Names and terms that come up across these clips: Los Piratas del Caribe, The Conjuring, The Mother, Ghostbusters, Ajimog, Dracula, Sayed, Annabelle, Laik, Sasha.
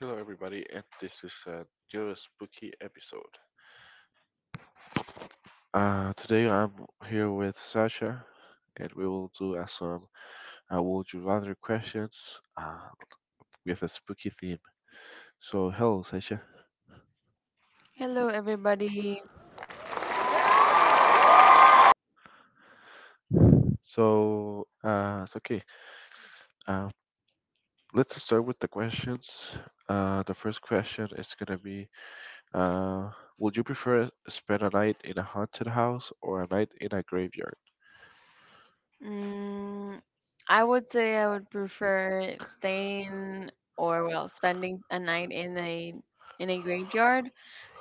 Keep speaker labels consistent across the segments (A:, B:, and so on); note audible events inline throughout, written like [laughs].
A: Hello, everybody, and this is a new spooky episode. Today I'm here with Sasha, and we will do some Would You Rather questions uh, with a spooky theme. So, hello, Sasha.
B: Hello, everybody.
A: So, it's okay. Uh, let's start with the questions. The first question is gonna be: uh, would you prefer spend a night in a haunted house or a night in a graveyard?
B: Mm, I would say I would prefer staying or well, spending a night in a graveyard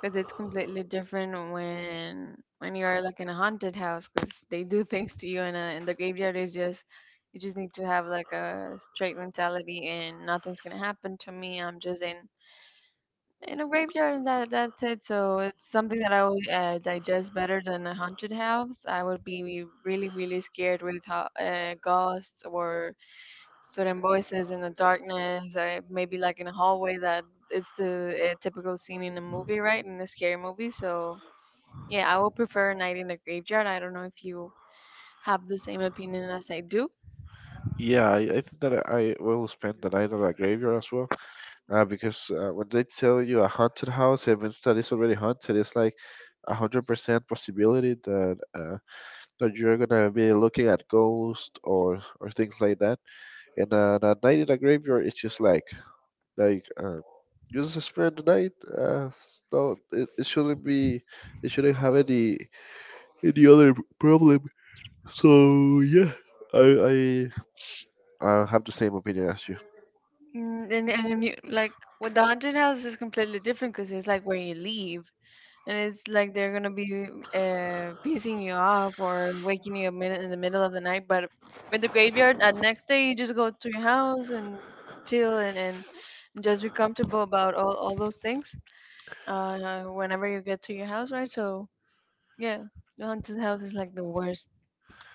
B: because it's completely different when you're like in a haunted house because they do [laughs] things to you and the graveyard is just you just need to have like a straight mentality and nothing's gonna happen to me. I'm just in a graveyard, that's it. So it's something that I would digest better than a haunted house. I would be really, really scared with ho ghosts or certain voices in the darkness, or maybe like in a hallway that it's the typical scene in a movie, right? In a scary movie. So yeah, I would prefer a night in a graveyard. I don't know if you have the same opinion as I do.
A: Yeah, I think that I will spend the night in a graveyard as well. Because when they tell you a haunted house, it means that it's already haunted. It's like 100% possibility that that you're gonna be looking at ghosts or things like that. And a night in a graveyard is just like you just spend the night. So it shouldn't be, it shouldn't have any other problem. So yeah, I I I have the same opinion as you.
B: And you, like with the haunted house is completely different because it's like where you live, and it's like they're gonna be pissing you off or waking you up in the middle of the night. But with the graveyard, at next day you just go to your house and chill and just be comfortable about all those things whenever you get to your house, right? So yeah, the haunted house is like the worst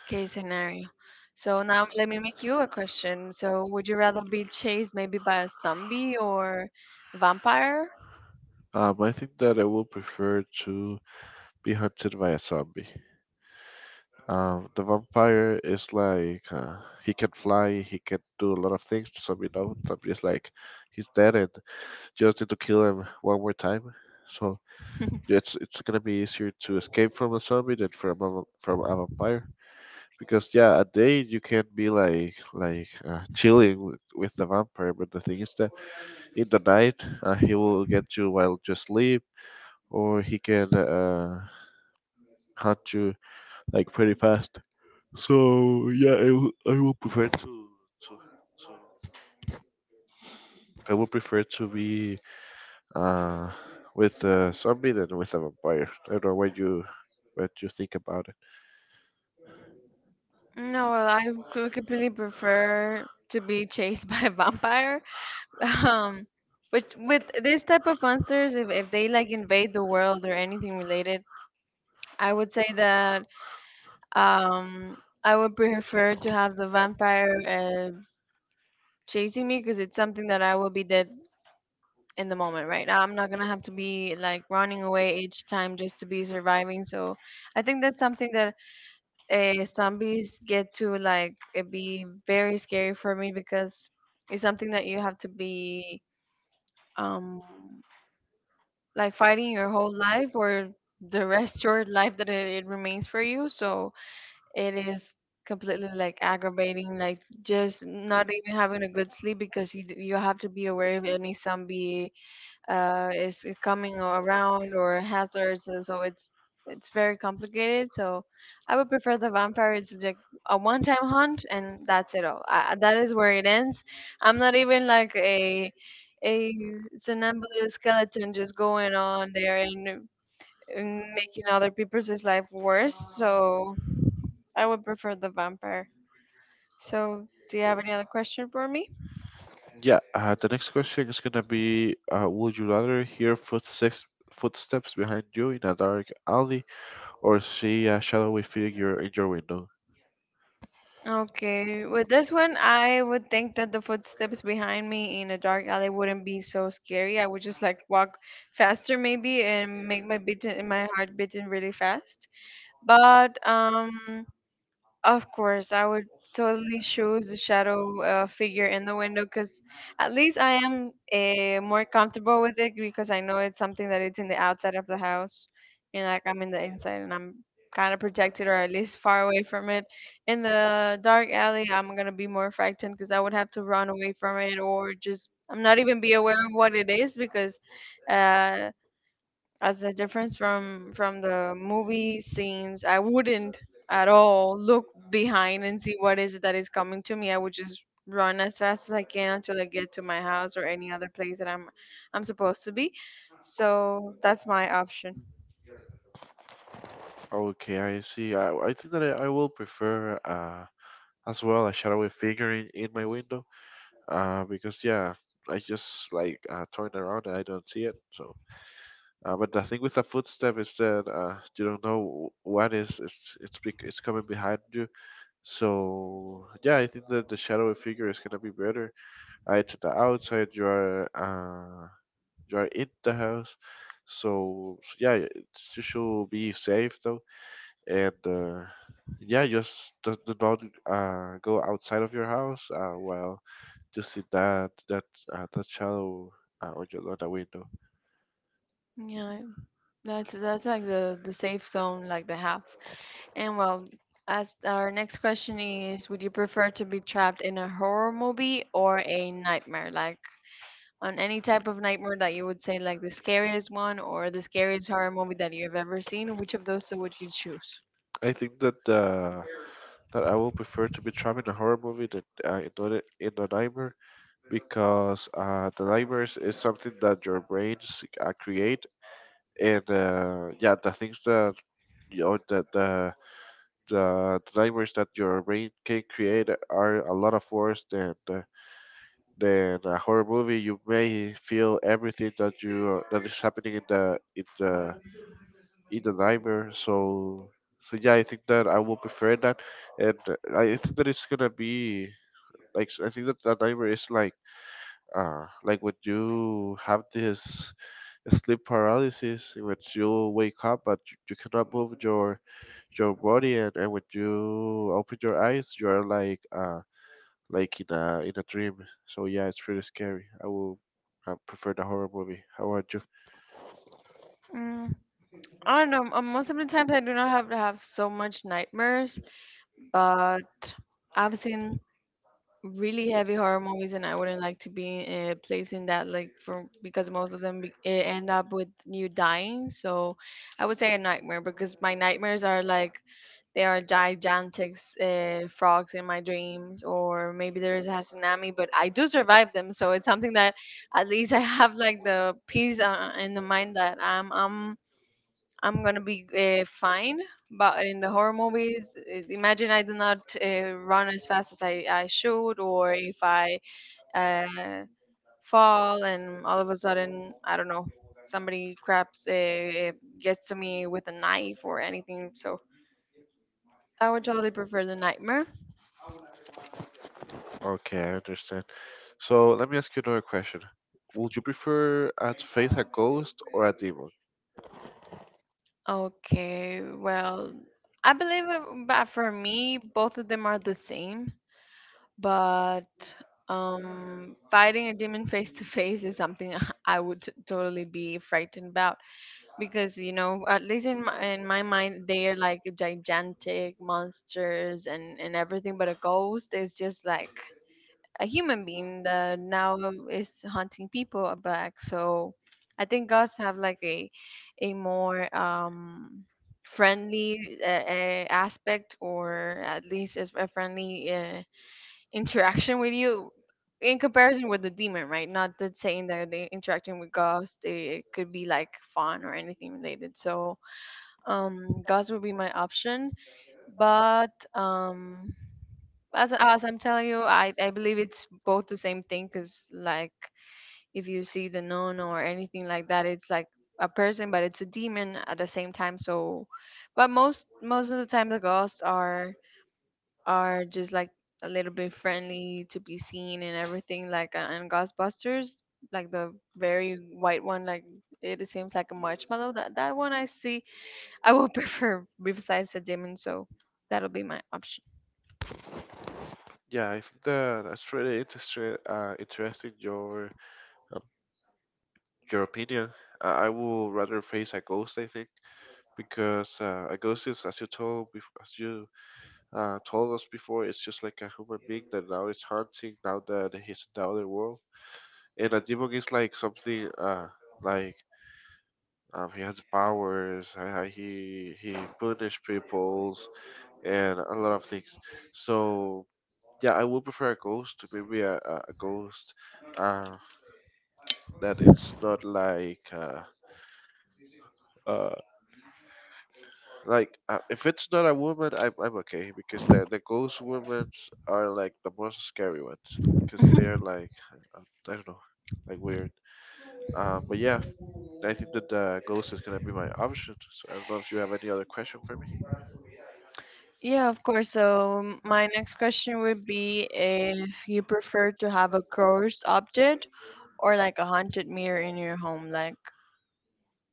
B: case scenario. So now let me make you a question. So would you rather be chased maybe by a zombie or vampire?
A: I think that I will prefer to be hunted by a zombie. The vampire is like he can fly, he can do a lot of things. The zombie no, zombie is like he's dead and just need to kill him one more time. So it's gonna be easier to escape from a zombie than from a vampire, because yeah, a day you can be like chilling with the vampire, but the thing is that in the night he will get you while you sleep, or he can hunt you like pretty fast. So yeah, I will prefer to to I would prefer to be uh with a zombie than with a vampire. I don't know what you think about it.
B: No, well, I would completely prefer to be chased [laughs] by a vampire. [laughs] Um, but with this type of monsters, if they like invade the world or anything related, I would say that um, I would prefer to have the vampire chasing me because it's something that I will be dead in the moment, right? I'm not gonna have to be like running away each time just to be surviving. So I think that's something that zombies get to like it be very scary for me because it's something that you have to be um like fighting your whole life or the rest [laughs] your life that it remains for you so it is completely like aggravating like just not even having a good sleep because you have to be aware of any zombie is coming around or hazards. So, so it's very complicated. So I would prefer the vampire. It's like a one-time hunt, and that's it all. I, that is where it ends. I'm not even like a somnambulous skeleton just going on there and making other people's life worse. So I would prefer the vampire. So do you have any other question for me?
A: Yeah, the next question is gonna be: would you rather hear footsteps behind you in a dark alley, or see a shadowy figure in your window?
B: Okay, with this one, I would think that the footsteps behind me in a dark alley wouldn't be so scary. I would just like walk faster maybe and make my beating my heart beating really fast. But of course, I would totally choose the shadow figure in the window because at least I am more comfortable with it because I know it's something that it's in the outside of the house and like I'm in the inside and I'm kind of protected or at least far away from it. In the dark alley, I'm gonna be more frightened because I would have to run away from it or just I'm not even be aware of what it is because uh, as a difference from the movie scenes I wouldn't at all look behind and see what is it that is coming to me. I would just run as fast as I can until I get to my house or any other place that I'm supposed to be. So that's my option.
A: Okay, I see. I think that I will prefer as well a shadowy figure in my window. Because yeah, I just like turn around and I don't see it. So, but the thing with the footstep is that you don't know wh- what is it's bec- it's coming behind you. So yeah, I think that the shadowy figure is gonna be better. It's the outside. You are in the house. So, so yeah, it's, you should be safe though, and yeah, just do not go outside of your house while you see that that shadow on your on the window.
B: Yeah, that's like the safe zone, like the house. And well, as our next question is, would you prefer to be trapped in a horror movie or a nightmare? Like on any type of nightmare that you would say like the scariest one or the scariest horror movie that you've ever seen, which of those two would you choose?
A: I think that that I will prefer to be trapped in a horror movie than in a nightmare, because the nightmares is something that your brains create, and yeah, the things that you know that the nightmares that your brain can create are a lot of worse than the, then a horror movie, you may feel everything that you that is happening in the nightmare. So so yeah, I think that I will prefer that, and I think that it's gonna be like, I think that the nightmare is like when you have this sleep paralysis, in which you wake up but you cannot move your body, and when you open your eyes, you are like in a dream. So yeah, it's pretty scary. I will prefer the horror movie. How about you?
B: Mm, I don't know. Most of the times I do not have to have so much nightmares, but I've seen really heavy horror movies, and I wouldn't like to be placed in that like for because most of them end up with you dying. So I would say a nightmare because my nightmares are like there are gigantic frogs in my dreams or maybe there is a tsunami but I do survive them so it's something that at least [laughs] I have like the peace in the mind that I'm gonna be fine but in the horror movies imagine I do not run as fast as I should or if I uh, fall and all of a sudden I don't know somebody grabs gets to me with a knife or anything so I would totally prefer the nightmare.
A: Okay, I understand. So let me ask you another question. Would you prefer to face a ghost or a demon?
B: Okay, well, but for me, both of them are the same, but fighting a demon [laughs] face to face is something [laughs] I would totally be frightened about because, you know, at least in my mind, they are like gigantic monsters and everything, but a ghost is just like a human being that now is hunting people are black. So I think gods have like a more friendly aspect, or at least is a friendly [laughs] interaction with you in comparison with the demon, right? Not that saying that they interacting with gods, they it could be like fun or anything related. So gods would be my option, but as I'm telling you, I believe it's both the same thing because like if you see the nun or anything like that, it's like a person, but it's a demon at the same time. So, but most of the time the ghosts are just like a little bit friendly to be seen and everything. Like and Ghostbusters, like the very white one, like it seems like a marshmallow. That one I see, I would [laughs] prefer besides the demon. So that'll be my option.
A: Yeah, I think that that's really interesting. Interesting um, your opinion. I will rather face a ghost. I think because a ghost is, as you told, bef- as you told us before, it's just like a human being that now is haunting now that he's in the other world. And Ajimog is like something like he has powers. He punish peoples and a lot of things. So yeah, I would prefer a ghost. Maybe a ghost. Uh, that it's not like uh like if it's not a woman, I'm okay, because the ghost women are like the most scary ones because they're like uh, I don't know, like weird. But yeah, I think that the Ghost is gonna be my option. So I don't know if you have any other question for me.
B: Yeah, of course. So my next question would be if you prefer to have a cursed object or like a haunted mirror in your home, like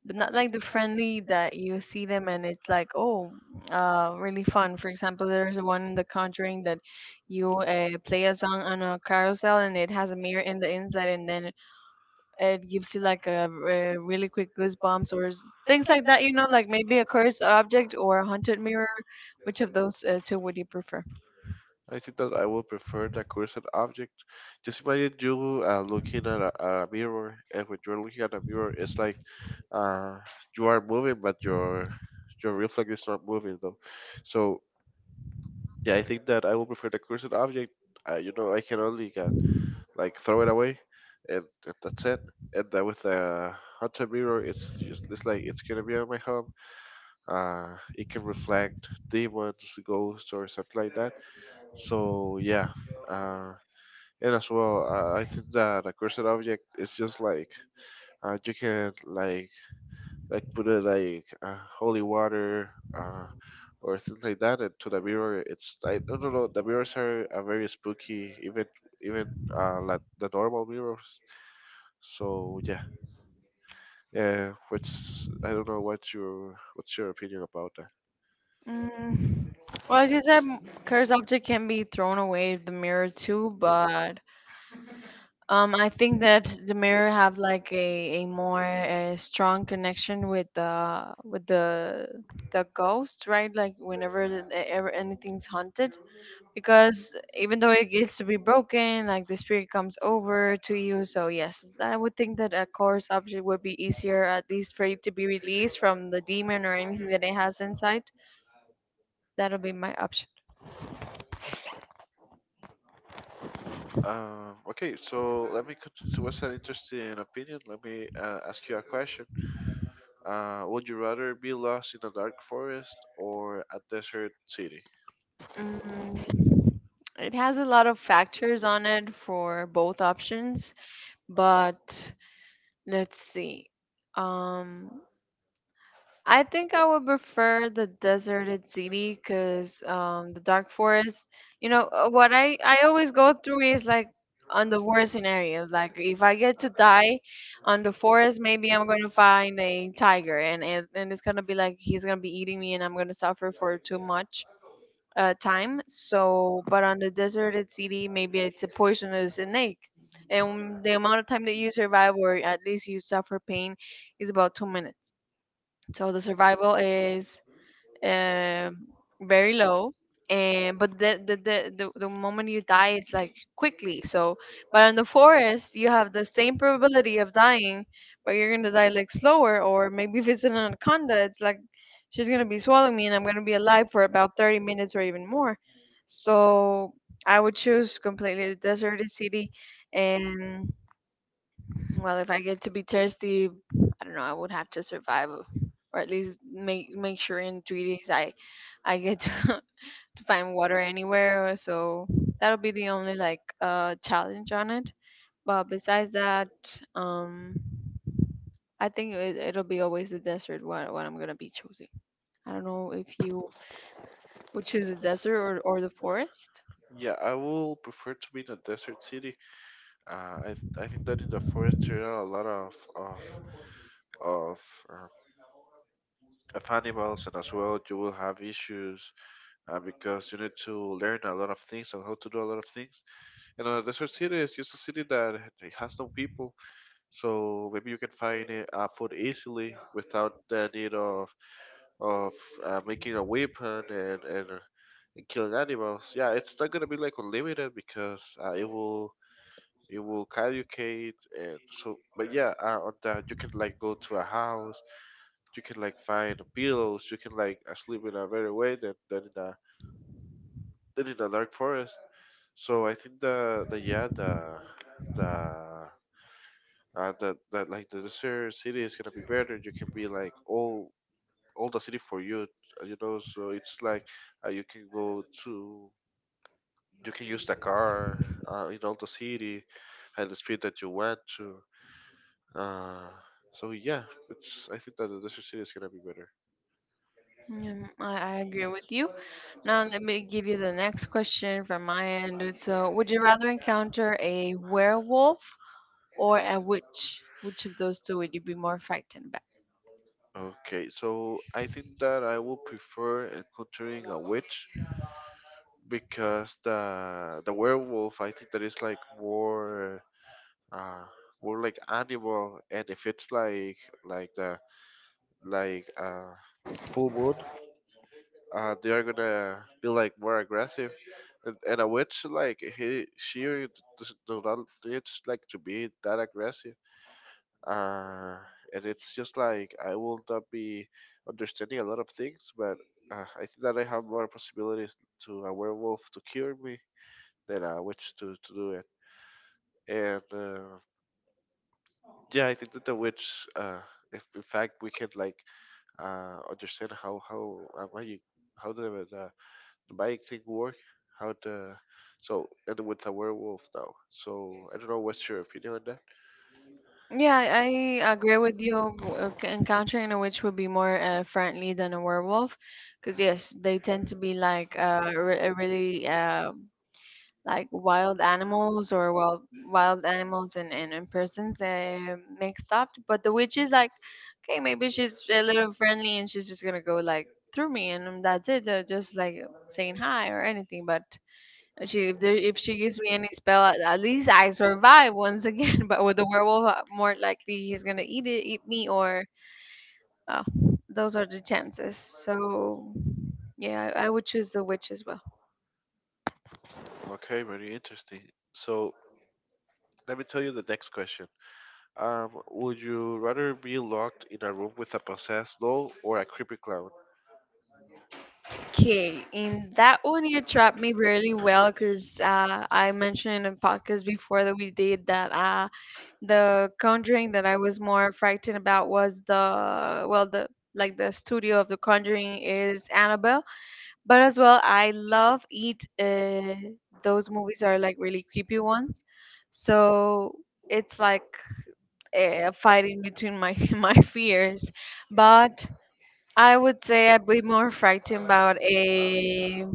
B: but not like the friendly that you see them and it's like oh, really fun. For example, there's one in The Conjuring that you play a song on a carousel and it has a mirror in the inside and then it gives you like a, really quick goosebumps or things like that. You know, like maybe a cursed object or a haunted mirror. Which of those two would you prefer?
A: I think that I will prefer the cursed object. Just imagine you looking at a mirror, and when you're looking at a mirror, it's like uh, you are moving, but your reflex is not moving though. So yeah, I think that I will prefer the cursed object. You know, I can only get, like throw it away, and that's it. And then with the haunted mirror, it's just, it's like it's gonna be on my home, it can reflect demons, ghosts, or something like that. So yeah, uh, and as well, I think that a cursed object is just like you can like put it like holy water uh, or things like that into the mirror. It's I don't know. The mirrors are very spooky, even like the normal mirrors. So yeah, yeah. Which I don't know what your what's your opinion about that.
B: Mm. Well, as you said, cursed object can be thrown away the mirror too, but I think that the mirror have like a more strong connection with the the ghost, right? Like whenever the- ever anything's haunted, because even though it gets to be broken, like the spirit comes over to you. So yes, I would think that a cursed object would be easier, at least for it to be released from the demon or anything that it has inside. That'll be my option.
A: Okay, so let me, so what's an interesting opinion? Let me ask you a question. Would you rather be lost in a dark forest or a desert city?
B: Mm, it has a lot of factors on it for both options, but let's see. Um, I think I would prefer the deserted city because the dark forest. You know what I always go through is like on the worst scenario. Like if I get to die on the forest, maybe I'm gonna find a tiger and it's gonna be like he's gonna be eating me and I'm gonna suffer for too much time. So, but on the deserted city, maybe it's a poisonous snake. And the amount of time that you survive, or at least you suffer pain, is about 2 minutes. So the survival is um, very low. And but the moment you die, it's like quickly. So, but in the forest, you have the same probability of dying, but you're gonna die like slower, or maybe if it's an anaconda, it's like she's gonna be swallowing me, and I'm gonna be alive for about 30 minutes or even more. So I would choose completely the deserted city, and well, if I get to be thirsty, I don't know. I would have to survive, or at least make sure in 3 days I get to, [laughs] to find water anywhere. So that'll be the only like challenge on it. But besides that, um, I think it, it'll be always the desert what I'm gonna be choosing. I don't know if you would choose the desert or the forest.
A: Yeah, I will prefer to be in a desert city. I think that in the forest there are a lot of um, of animals, and as well you will have issues because you need to learn a lot of things and how to do a lot of things. And a desert city is just a city that it has no people, so maybe you can find it, food easily without the need of of making a weapon and killing animals. Yeah, it's not gonna be like unlimited because it will caducate and so. But yeah, on that you can like go to a house, you can like find pillows, you can like sleep in a better way than than in a dark forest. So I think the yeah the that that like the desert city is gonna be better. You can be like all the city for you, you know. So it's like you can go to, you can use the car in all the city at the speed that you want to. Uh, so yeah, it's I think that the desert city is gonna be better.
B: Mm, I agree with you. Now let me give you the next question from my end. It's would you rather encounter a werewolf or a witch? Which of those two would you be more frightened by?
A: Okay, so I think that I will prefer encountering a witch, because the werewolf I think that is like more uh like animal, and if it's like the like full moon they are gonna be like more aggressive, and a witch like he she does do not need like to be that aggressive uh and it's just like I will not be understanding a lot of things, but I think that I have more possibilities to a werewolf to cure me than a witch to do it, and yeah, I think that the witch, if in fact we can like understand how magic, how the magic thing work, how the, so and with a werewolf now. So I don't know what's your opinion on that.
B: Yeah, I agree with you. Encountering a witch would be more friendly than a werewolf, because yes, they tend to be like really like wild animals or wild animals and, and persons mixed up. But the witch is like, okay, maybe she's a little friendly and she's just gonna go like through me and that's it. Just like saying hi or anything. But she if there, if she gives me any spell, at least I survive once again. [laughs] But with the werewolf, more likely he's gonna eat it, eat me, or uh, those are the chances. So yeah, I would choose the witch as well.
A: Okay, very interesting. So let me tell you the next question. Would you rather be locked in a room with a possessed doll or a creepy clown?
B: Okay, in that one you trapped me really well because I mentioned in a podcast before that we did that the Conjuring that I was more frightened about was the studio of the Conjuring is Annabelle, but as well I love it. Those movies are like really creepy ones, so it's like a fighting between my [laughs] my fears, but. I would say I'd be more frightened about a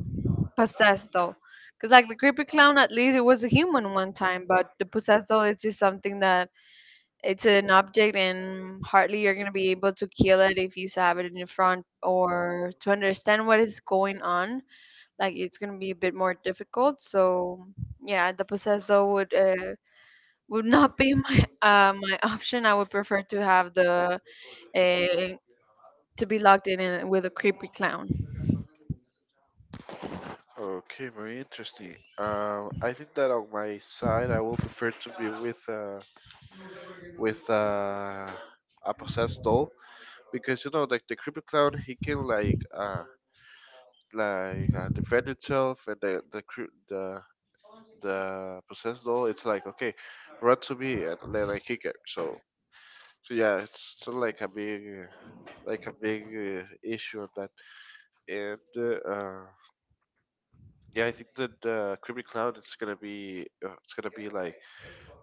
B: possessed doll. Because like the creepy clown, at least it was a human one time, but the possessed doll is just something that it's an object, and hardly you're gonna be able to kill it if you have it in your front or to understand what is going on. Like it's gonna be a bit more difficult. So yeah, the possessed doll would not be [laughs] my my option. I would prefer to have the uh, to be locked in with a creepy clown.
A: Okay, very interesting. I think that on my side, I will prefer to be with with uh, a possessed doll, because you know like the creepy clown he can like defend itself, and the cre- the possessed doll it's like okay, run to me and then I kick it, so so yeah it's still like a big issue on that, and yeah I think that the creepy clown it's gonna be like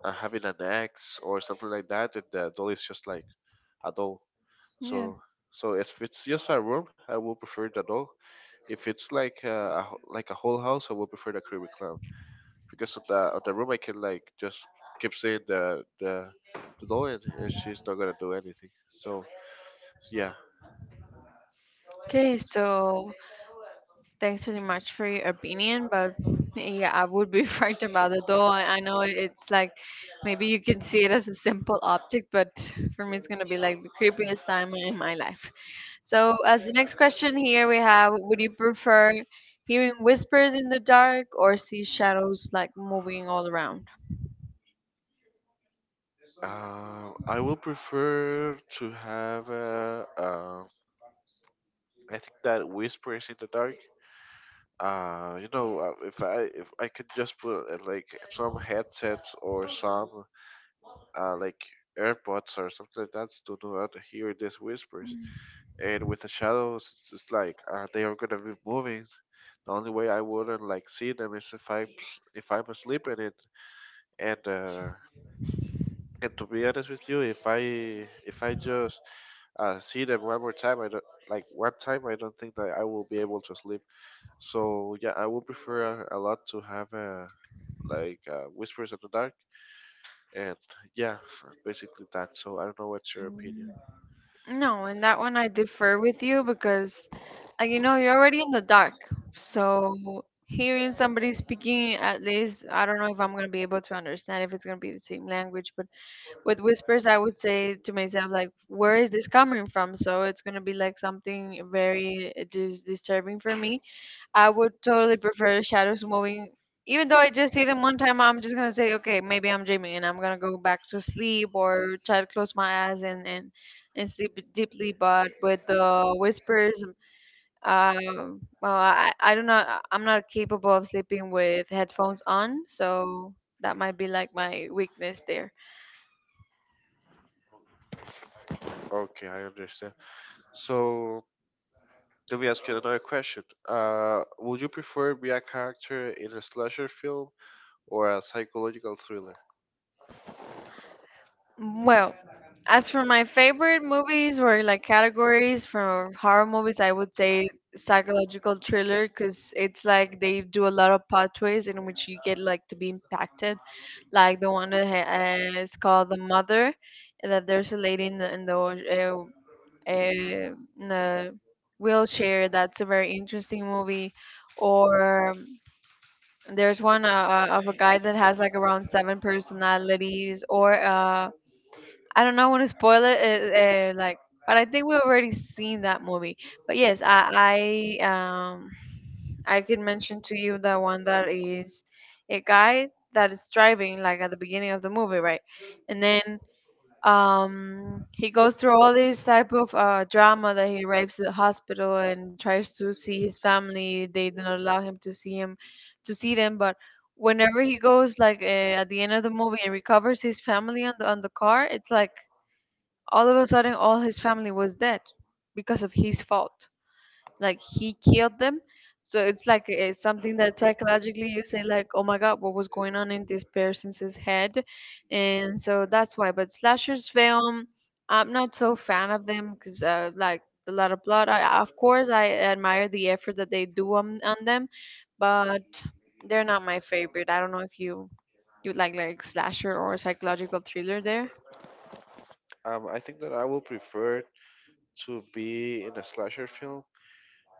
A: having an axe or something like that, and the doll is just like a doll.
B: Yeah.
A: So so if it's just a room, I will prefer the doll. If it's like like a whole house, I will prefer the Caribbean clown because of the room. I can like just keep saying the doll, and she's not gonna do anything. So yeah,
B: Okay, so thanks very much for your opinion, but yeah, I would be [laughs] frightened about it though. I know it's like maybe you can see it as a simple object, but for me, it's gonna be like the creepiest time in my life. So, as the next question here, we have, would you prefer hearing whispers in the dark or see shadows like moving all around?
A: I will prefer to have I think that whispers in the dark. If I could just put like some headsets or some like AirPods or something like that to not hear these whispers. And with the shadows, it's just like they are gonna be moving. The only way I wouldn't like see them is if I'm asleep in it. And uh, and to be honest with you, if I just see them one more time, I don't like one time. I don't think that I will be able to sleep. So yeah, I would prefer a lot to have like whispers in the dark. And yeah, basically that. So I don't know what's your
B: Mm.
A: opinion.
B: No, in that one I differ with you because, like, you're already in the dark. So hearing somebody speaking, at least, I don't know if I'm going to be able to understand if it's going to be the same language. But with whispers, I would say to myself, like, where is this coming from? So it's going to be like something very disturbing for me. I would totally prefer shadows moving. Even though I just see them one time, I'm just gonna say, okay, maybe I'm dreaming, and I'm gonna go back to sleep or try to close my eyes and and sleep deeply. But with the whispers, well, I don't know, I'm not capable of sleeping with headphones on, so that might be like my weakness there.
A: Okay, I understand. So let me ask you another question. Would you prefer be a character in a slasher film or a psychological thriller?
B: Well, as for my favorite movies or like categories for horror movies, I would say psychological thriller because it's like they do a lot of plot twists in which you get like to be impacted. Like the one that is called The Mother, that there's a lady uh, uh, in the wheelchair. That's a very interesting movie. Or there's one of a guy that has like around seven personalities, or I don't know. I want to spoil it. Like, but I think we've already seen that movie. But yes, um I could mention to you the one that is a guy that is driving like at the beginning of the movie, right? And then he goes through all this type of drama that he rapes the hospital and tries to see his family. They do not allow him, to see them, but. Whenever he goes like at the end of the movie and recovers his family on the car, it's like all of a sudden all his family was dead because of his fault, like he killed them. So it's like it's something that psychologically you say, like, oh my god, what was going on in this person's head? And so that's why. But slashers film, I'm not so fan of them because like a lot of blood. Of course I admire the effort that they do on them, but they're not my favorite. I don't know if you like slasher or psychological thriller there.
A: I think that I will prefer to be in a slasher film.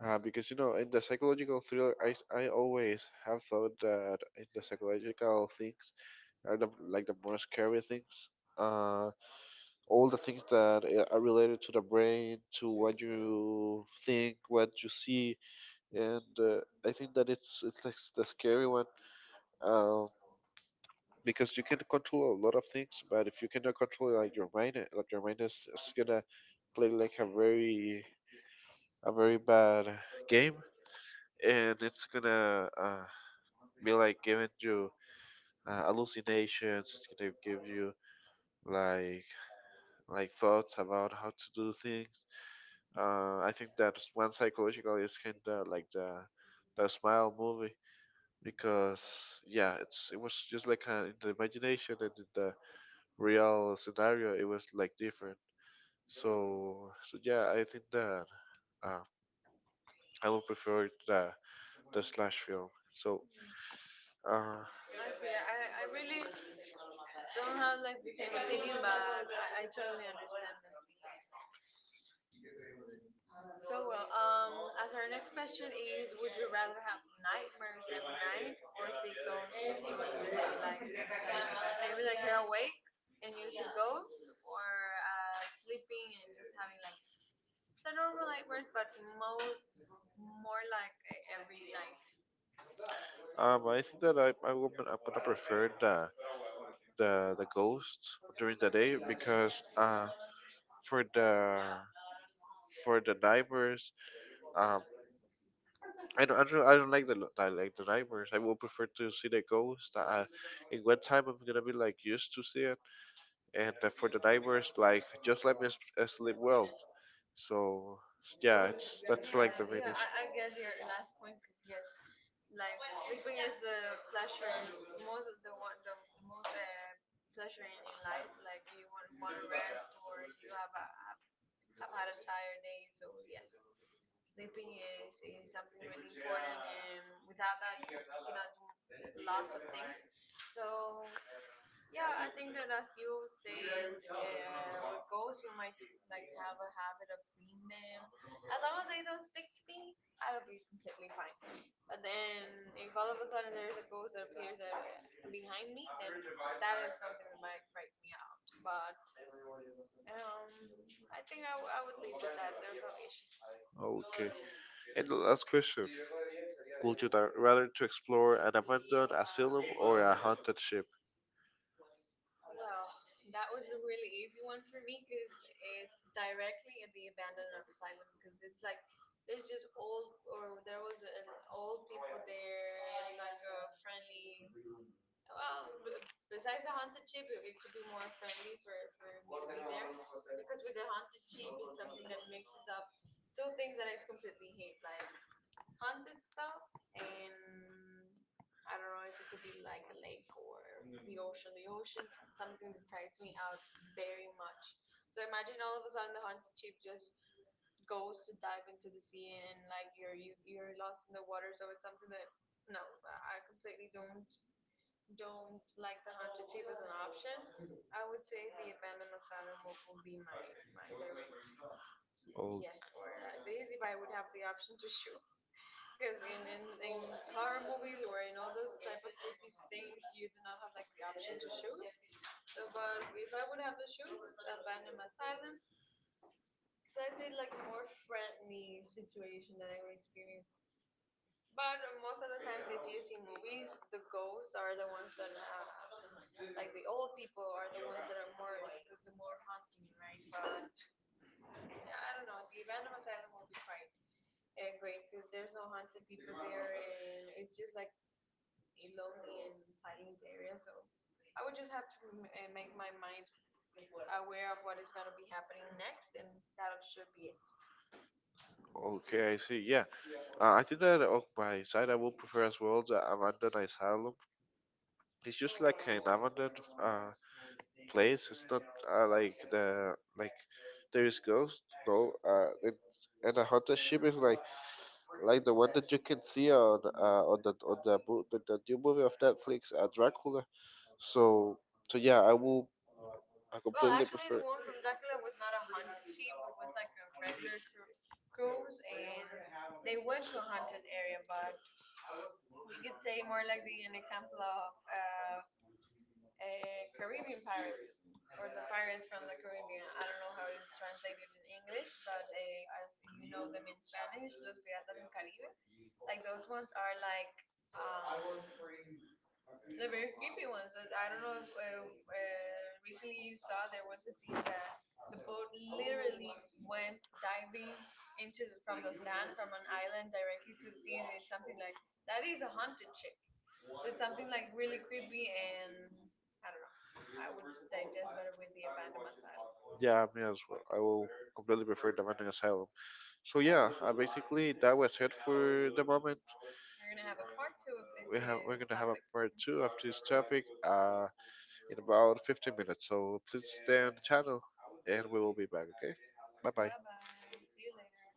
A: Because you know, in the psychological thriller, I always have thought that in the psychological things are the like the more scary things. Uh, all the things that are related to the brain, to what you think, what you see, and I think that it's like the scary one, um, because you can control a lot of things, but if you cannot control like your mind is gonna play like a very bad game, and it's gonna be like giving you hallucinations. It's gonna give you like like thoughts about how to do things. I think that one psychological is kinda like the smile movie because yeah it was just like in the imagination and in the real scenario it was like different. So yeah, I think that uh, I would prefer the slash film. so
B: Yeah,
A: uh
B: I see. I really don't have like the same opinion, but I totally understand that. So, well, as our next question is, would you rather have nightmares every night or see ghosts during the day? Like maybe like you're awake and you see ghosts, or sleeping and just having like the normal nightmares, but more like every night.
A: um I think that I'm gonna prefer the the ghost during the day because for the for the divers. Um, I don't like the I like the nightmares. I will prefer to see the ghost. In one time, I'm gonna be like used to see it, and for the nightmares, like just let me sleep well. So yeah, it's that's like the
B: Yeah,
A: main
B: yeah, I get your
A: issue.
B: last point because yes, like sleeping is the pleasures most the one the most pleasure in life, like you want to rest or you have had a tired day, so yes, sleeping is something really important, and without that you cannot do lots of things. So yeah, I think that as you said, with ghosts, you might like have a habit of seeing them. As long as they don't speak to me, I'll be completely fine. But then, if all of a sudden there is a ghost that appears behind me, then that is something that might freak me out. But I think I would leave with that. There's no issues.
A: Okay, and the last question: would you rather to explore an abandoned asylum or a haunted ship?
B: Well, that was a really easy one for me because it's directly at the abandoned asylum because it's like there's just old, or there was old people there. It's like a friendly, well, besides the haunted sheep, it could be more friendly for me to be there, because with the haunted sheep, it's something that mixes up two things that I completely hate, like haunted stuff and I don't know if it could be like a lake or the ocean. The ocean's something that frightens me out very much. So imagine all of a sudden the haunted sheep just goes to dive into the sea, and like you're lost in the water. So it's something that, no, I completely don't like the haunted shape as an option. I would say the abandoned asylum would be my direct
A: Oh,
B: yes, or at least if I would have the option to choose. [laughs] Because in horror movies or those type of creepy things, you do not have like the option to choose. So, but if I would have to choose, it's abandoned asylum because I see like a more friendly situation that I would experience. But most of the times, if you see movies, the ghosts are the ones that like the old people are the ones that are more the more haunting, right? But yeah, I don't know, the abandoned asylum will be quite great because there's no haunted people there and it's just like a lonely and silent area. So I would just have to make my mind aware of what is going to be happening next, and that should be it.
A: okay, I see. Yeah, I think that on my side, I will prefer as well the abandoned asylum. It's just like an abandoned place. It's not like the like there is ghost. No, it's and a haunted ship is like the one that you can see on the on the the new movie of Netflix, Dracula. So so yeah, I will I
B: Well
A: completely
B: actually, the
A: prefer.
B: one from Dracula was not a haunted ship, it was like a regular cruise, and they went to a haunted area. But we could say more like the an example of Caribbean pirates, or the pirates from the Caribbean. I don't know how it is translated in English, but they, as you know them in Spanish, Los Piratas del Caribe. Like those ones are like um the very creepy ones. I don't know if, recently you saw there was a scene that the boat literally went diving from the sand from an island directly to the sea, and it's something like that is a haunted ship. So it's something like really creepy, and I don't know. I would digest better with the abandoned asylum.
A: Yeah, me as well. I will completely prefer the Abandoned Asylum. So yeah, basically that was it for the moment.
B: We're gonna have a part two of
A: We
B: this
A: have we're gonna have a
B: topic.
A: part
B: Mhm.
A: two of this topic in about 15 minutes. So please stay on the channel, and we will be back. Okay, bye bye.
B: Bye bye. See you later.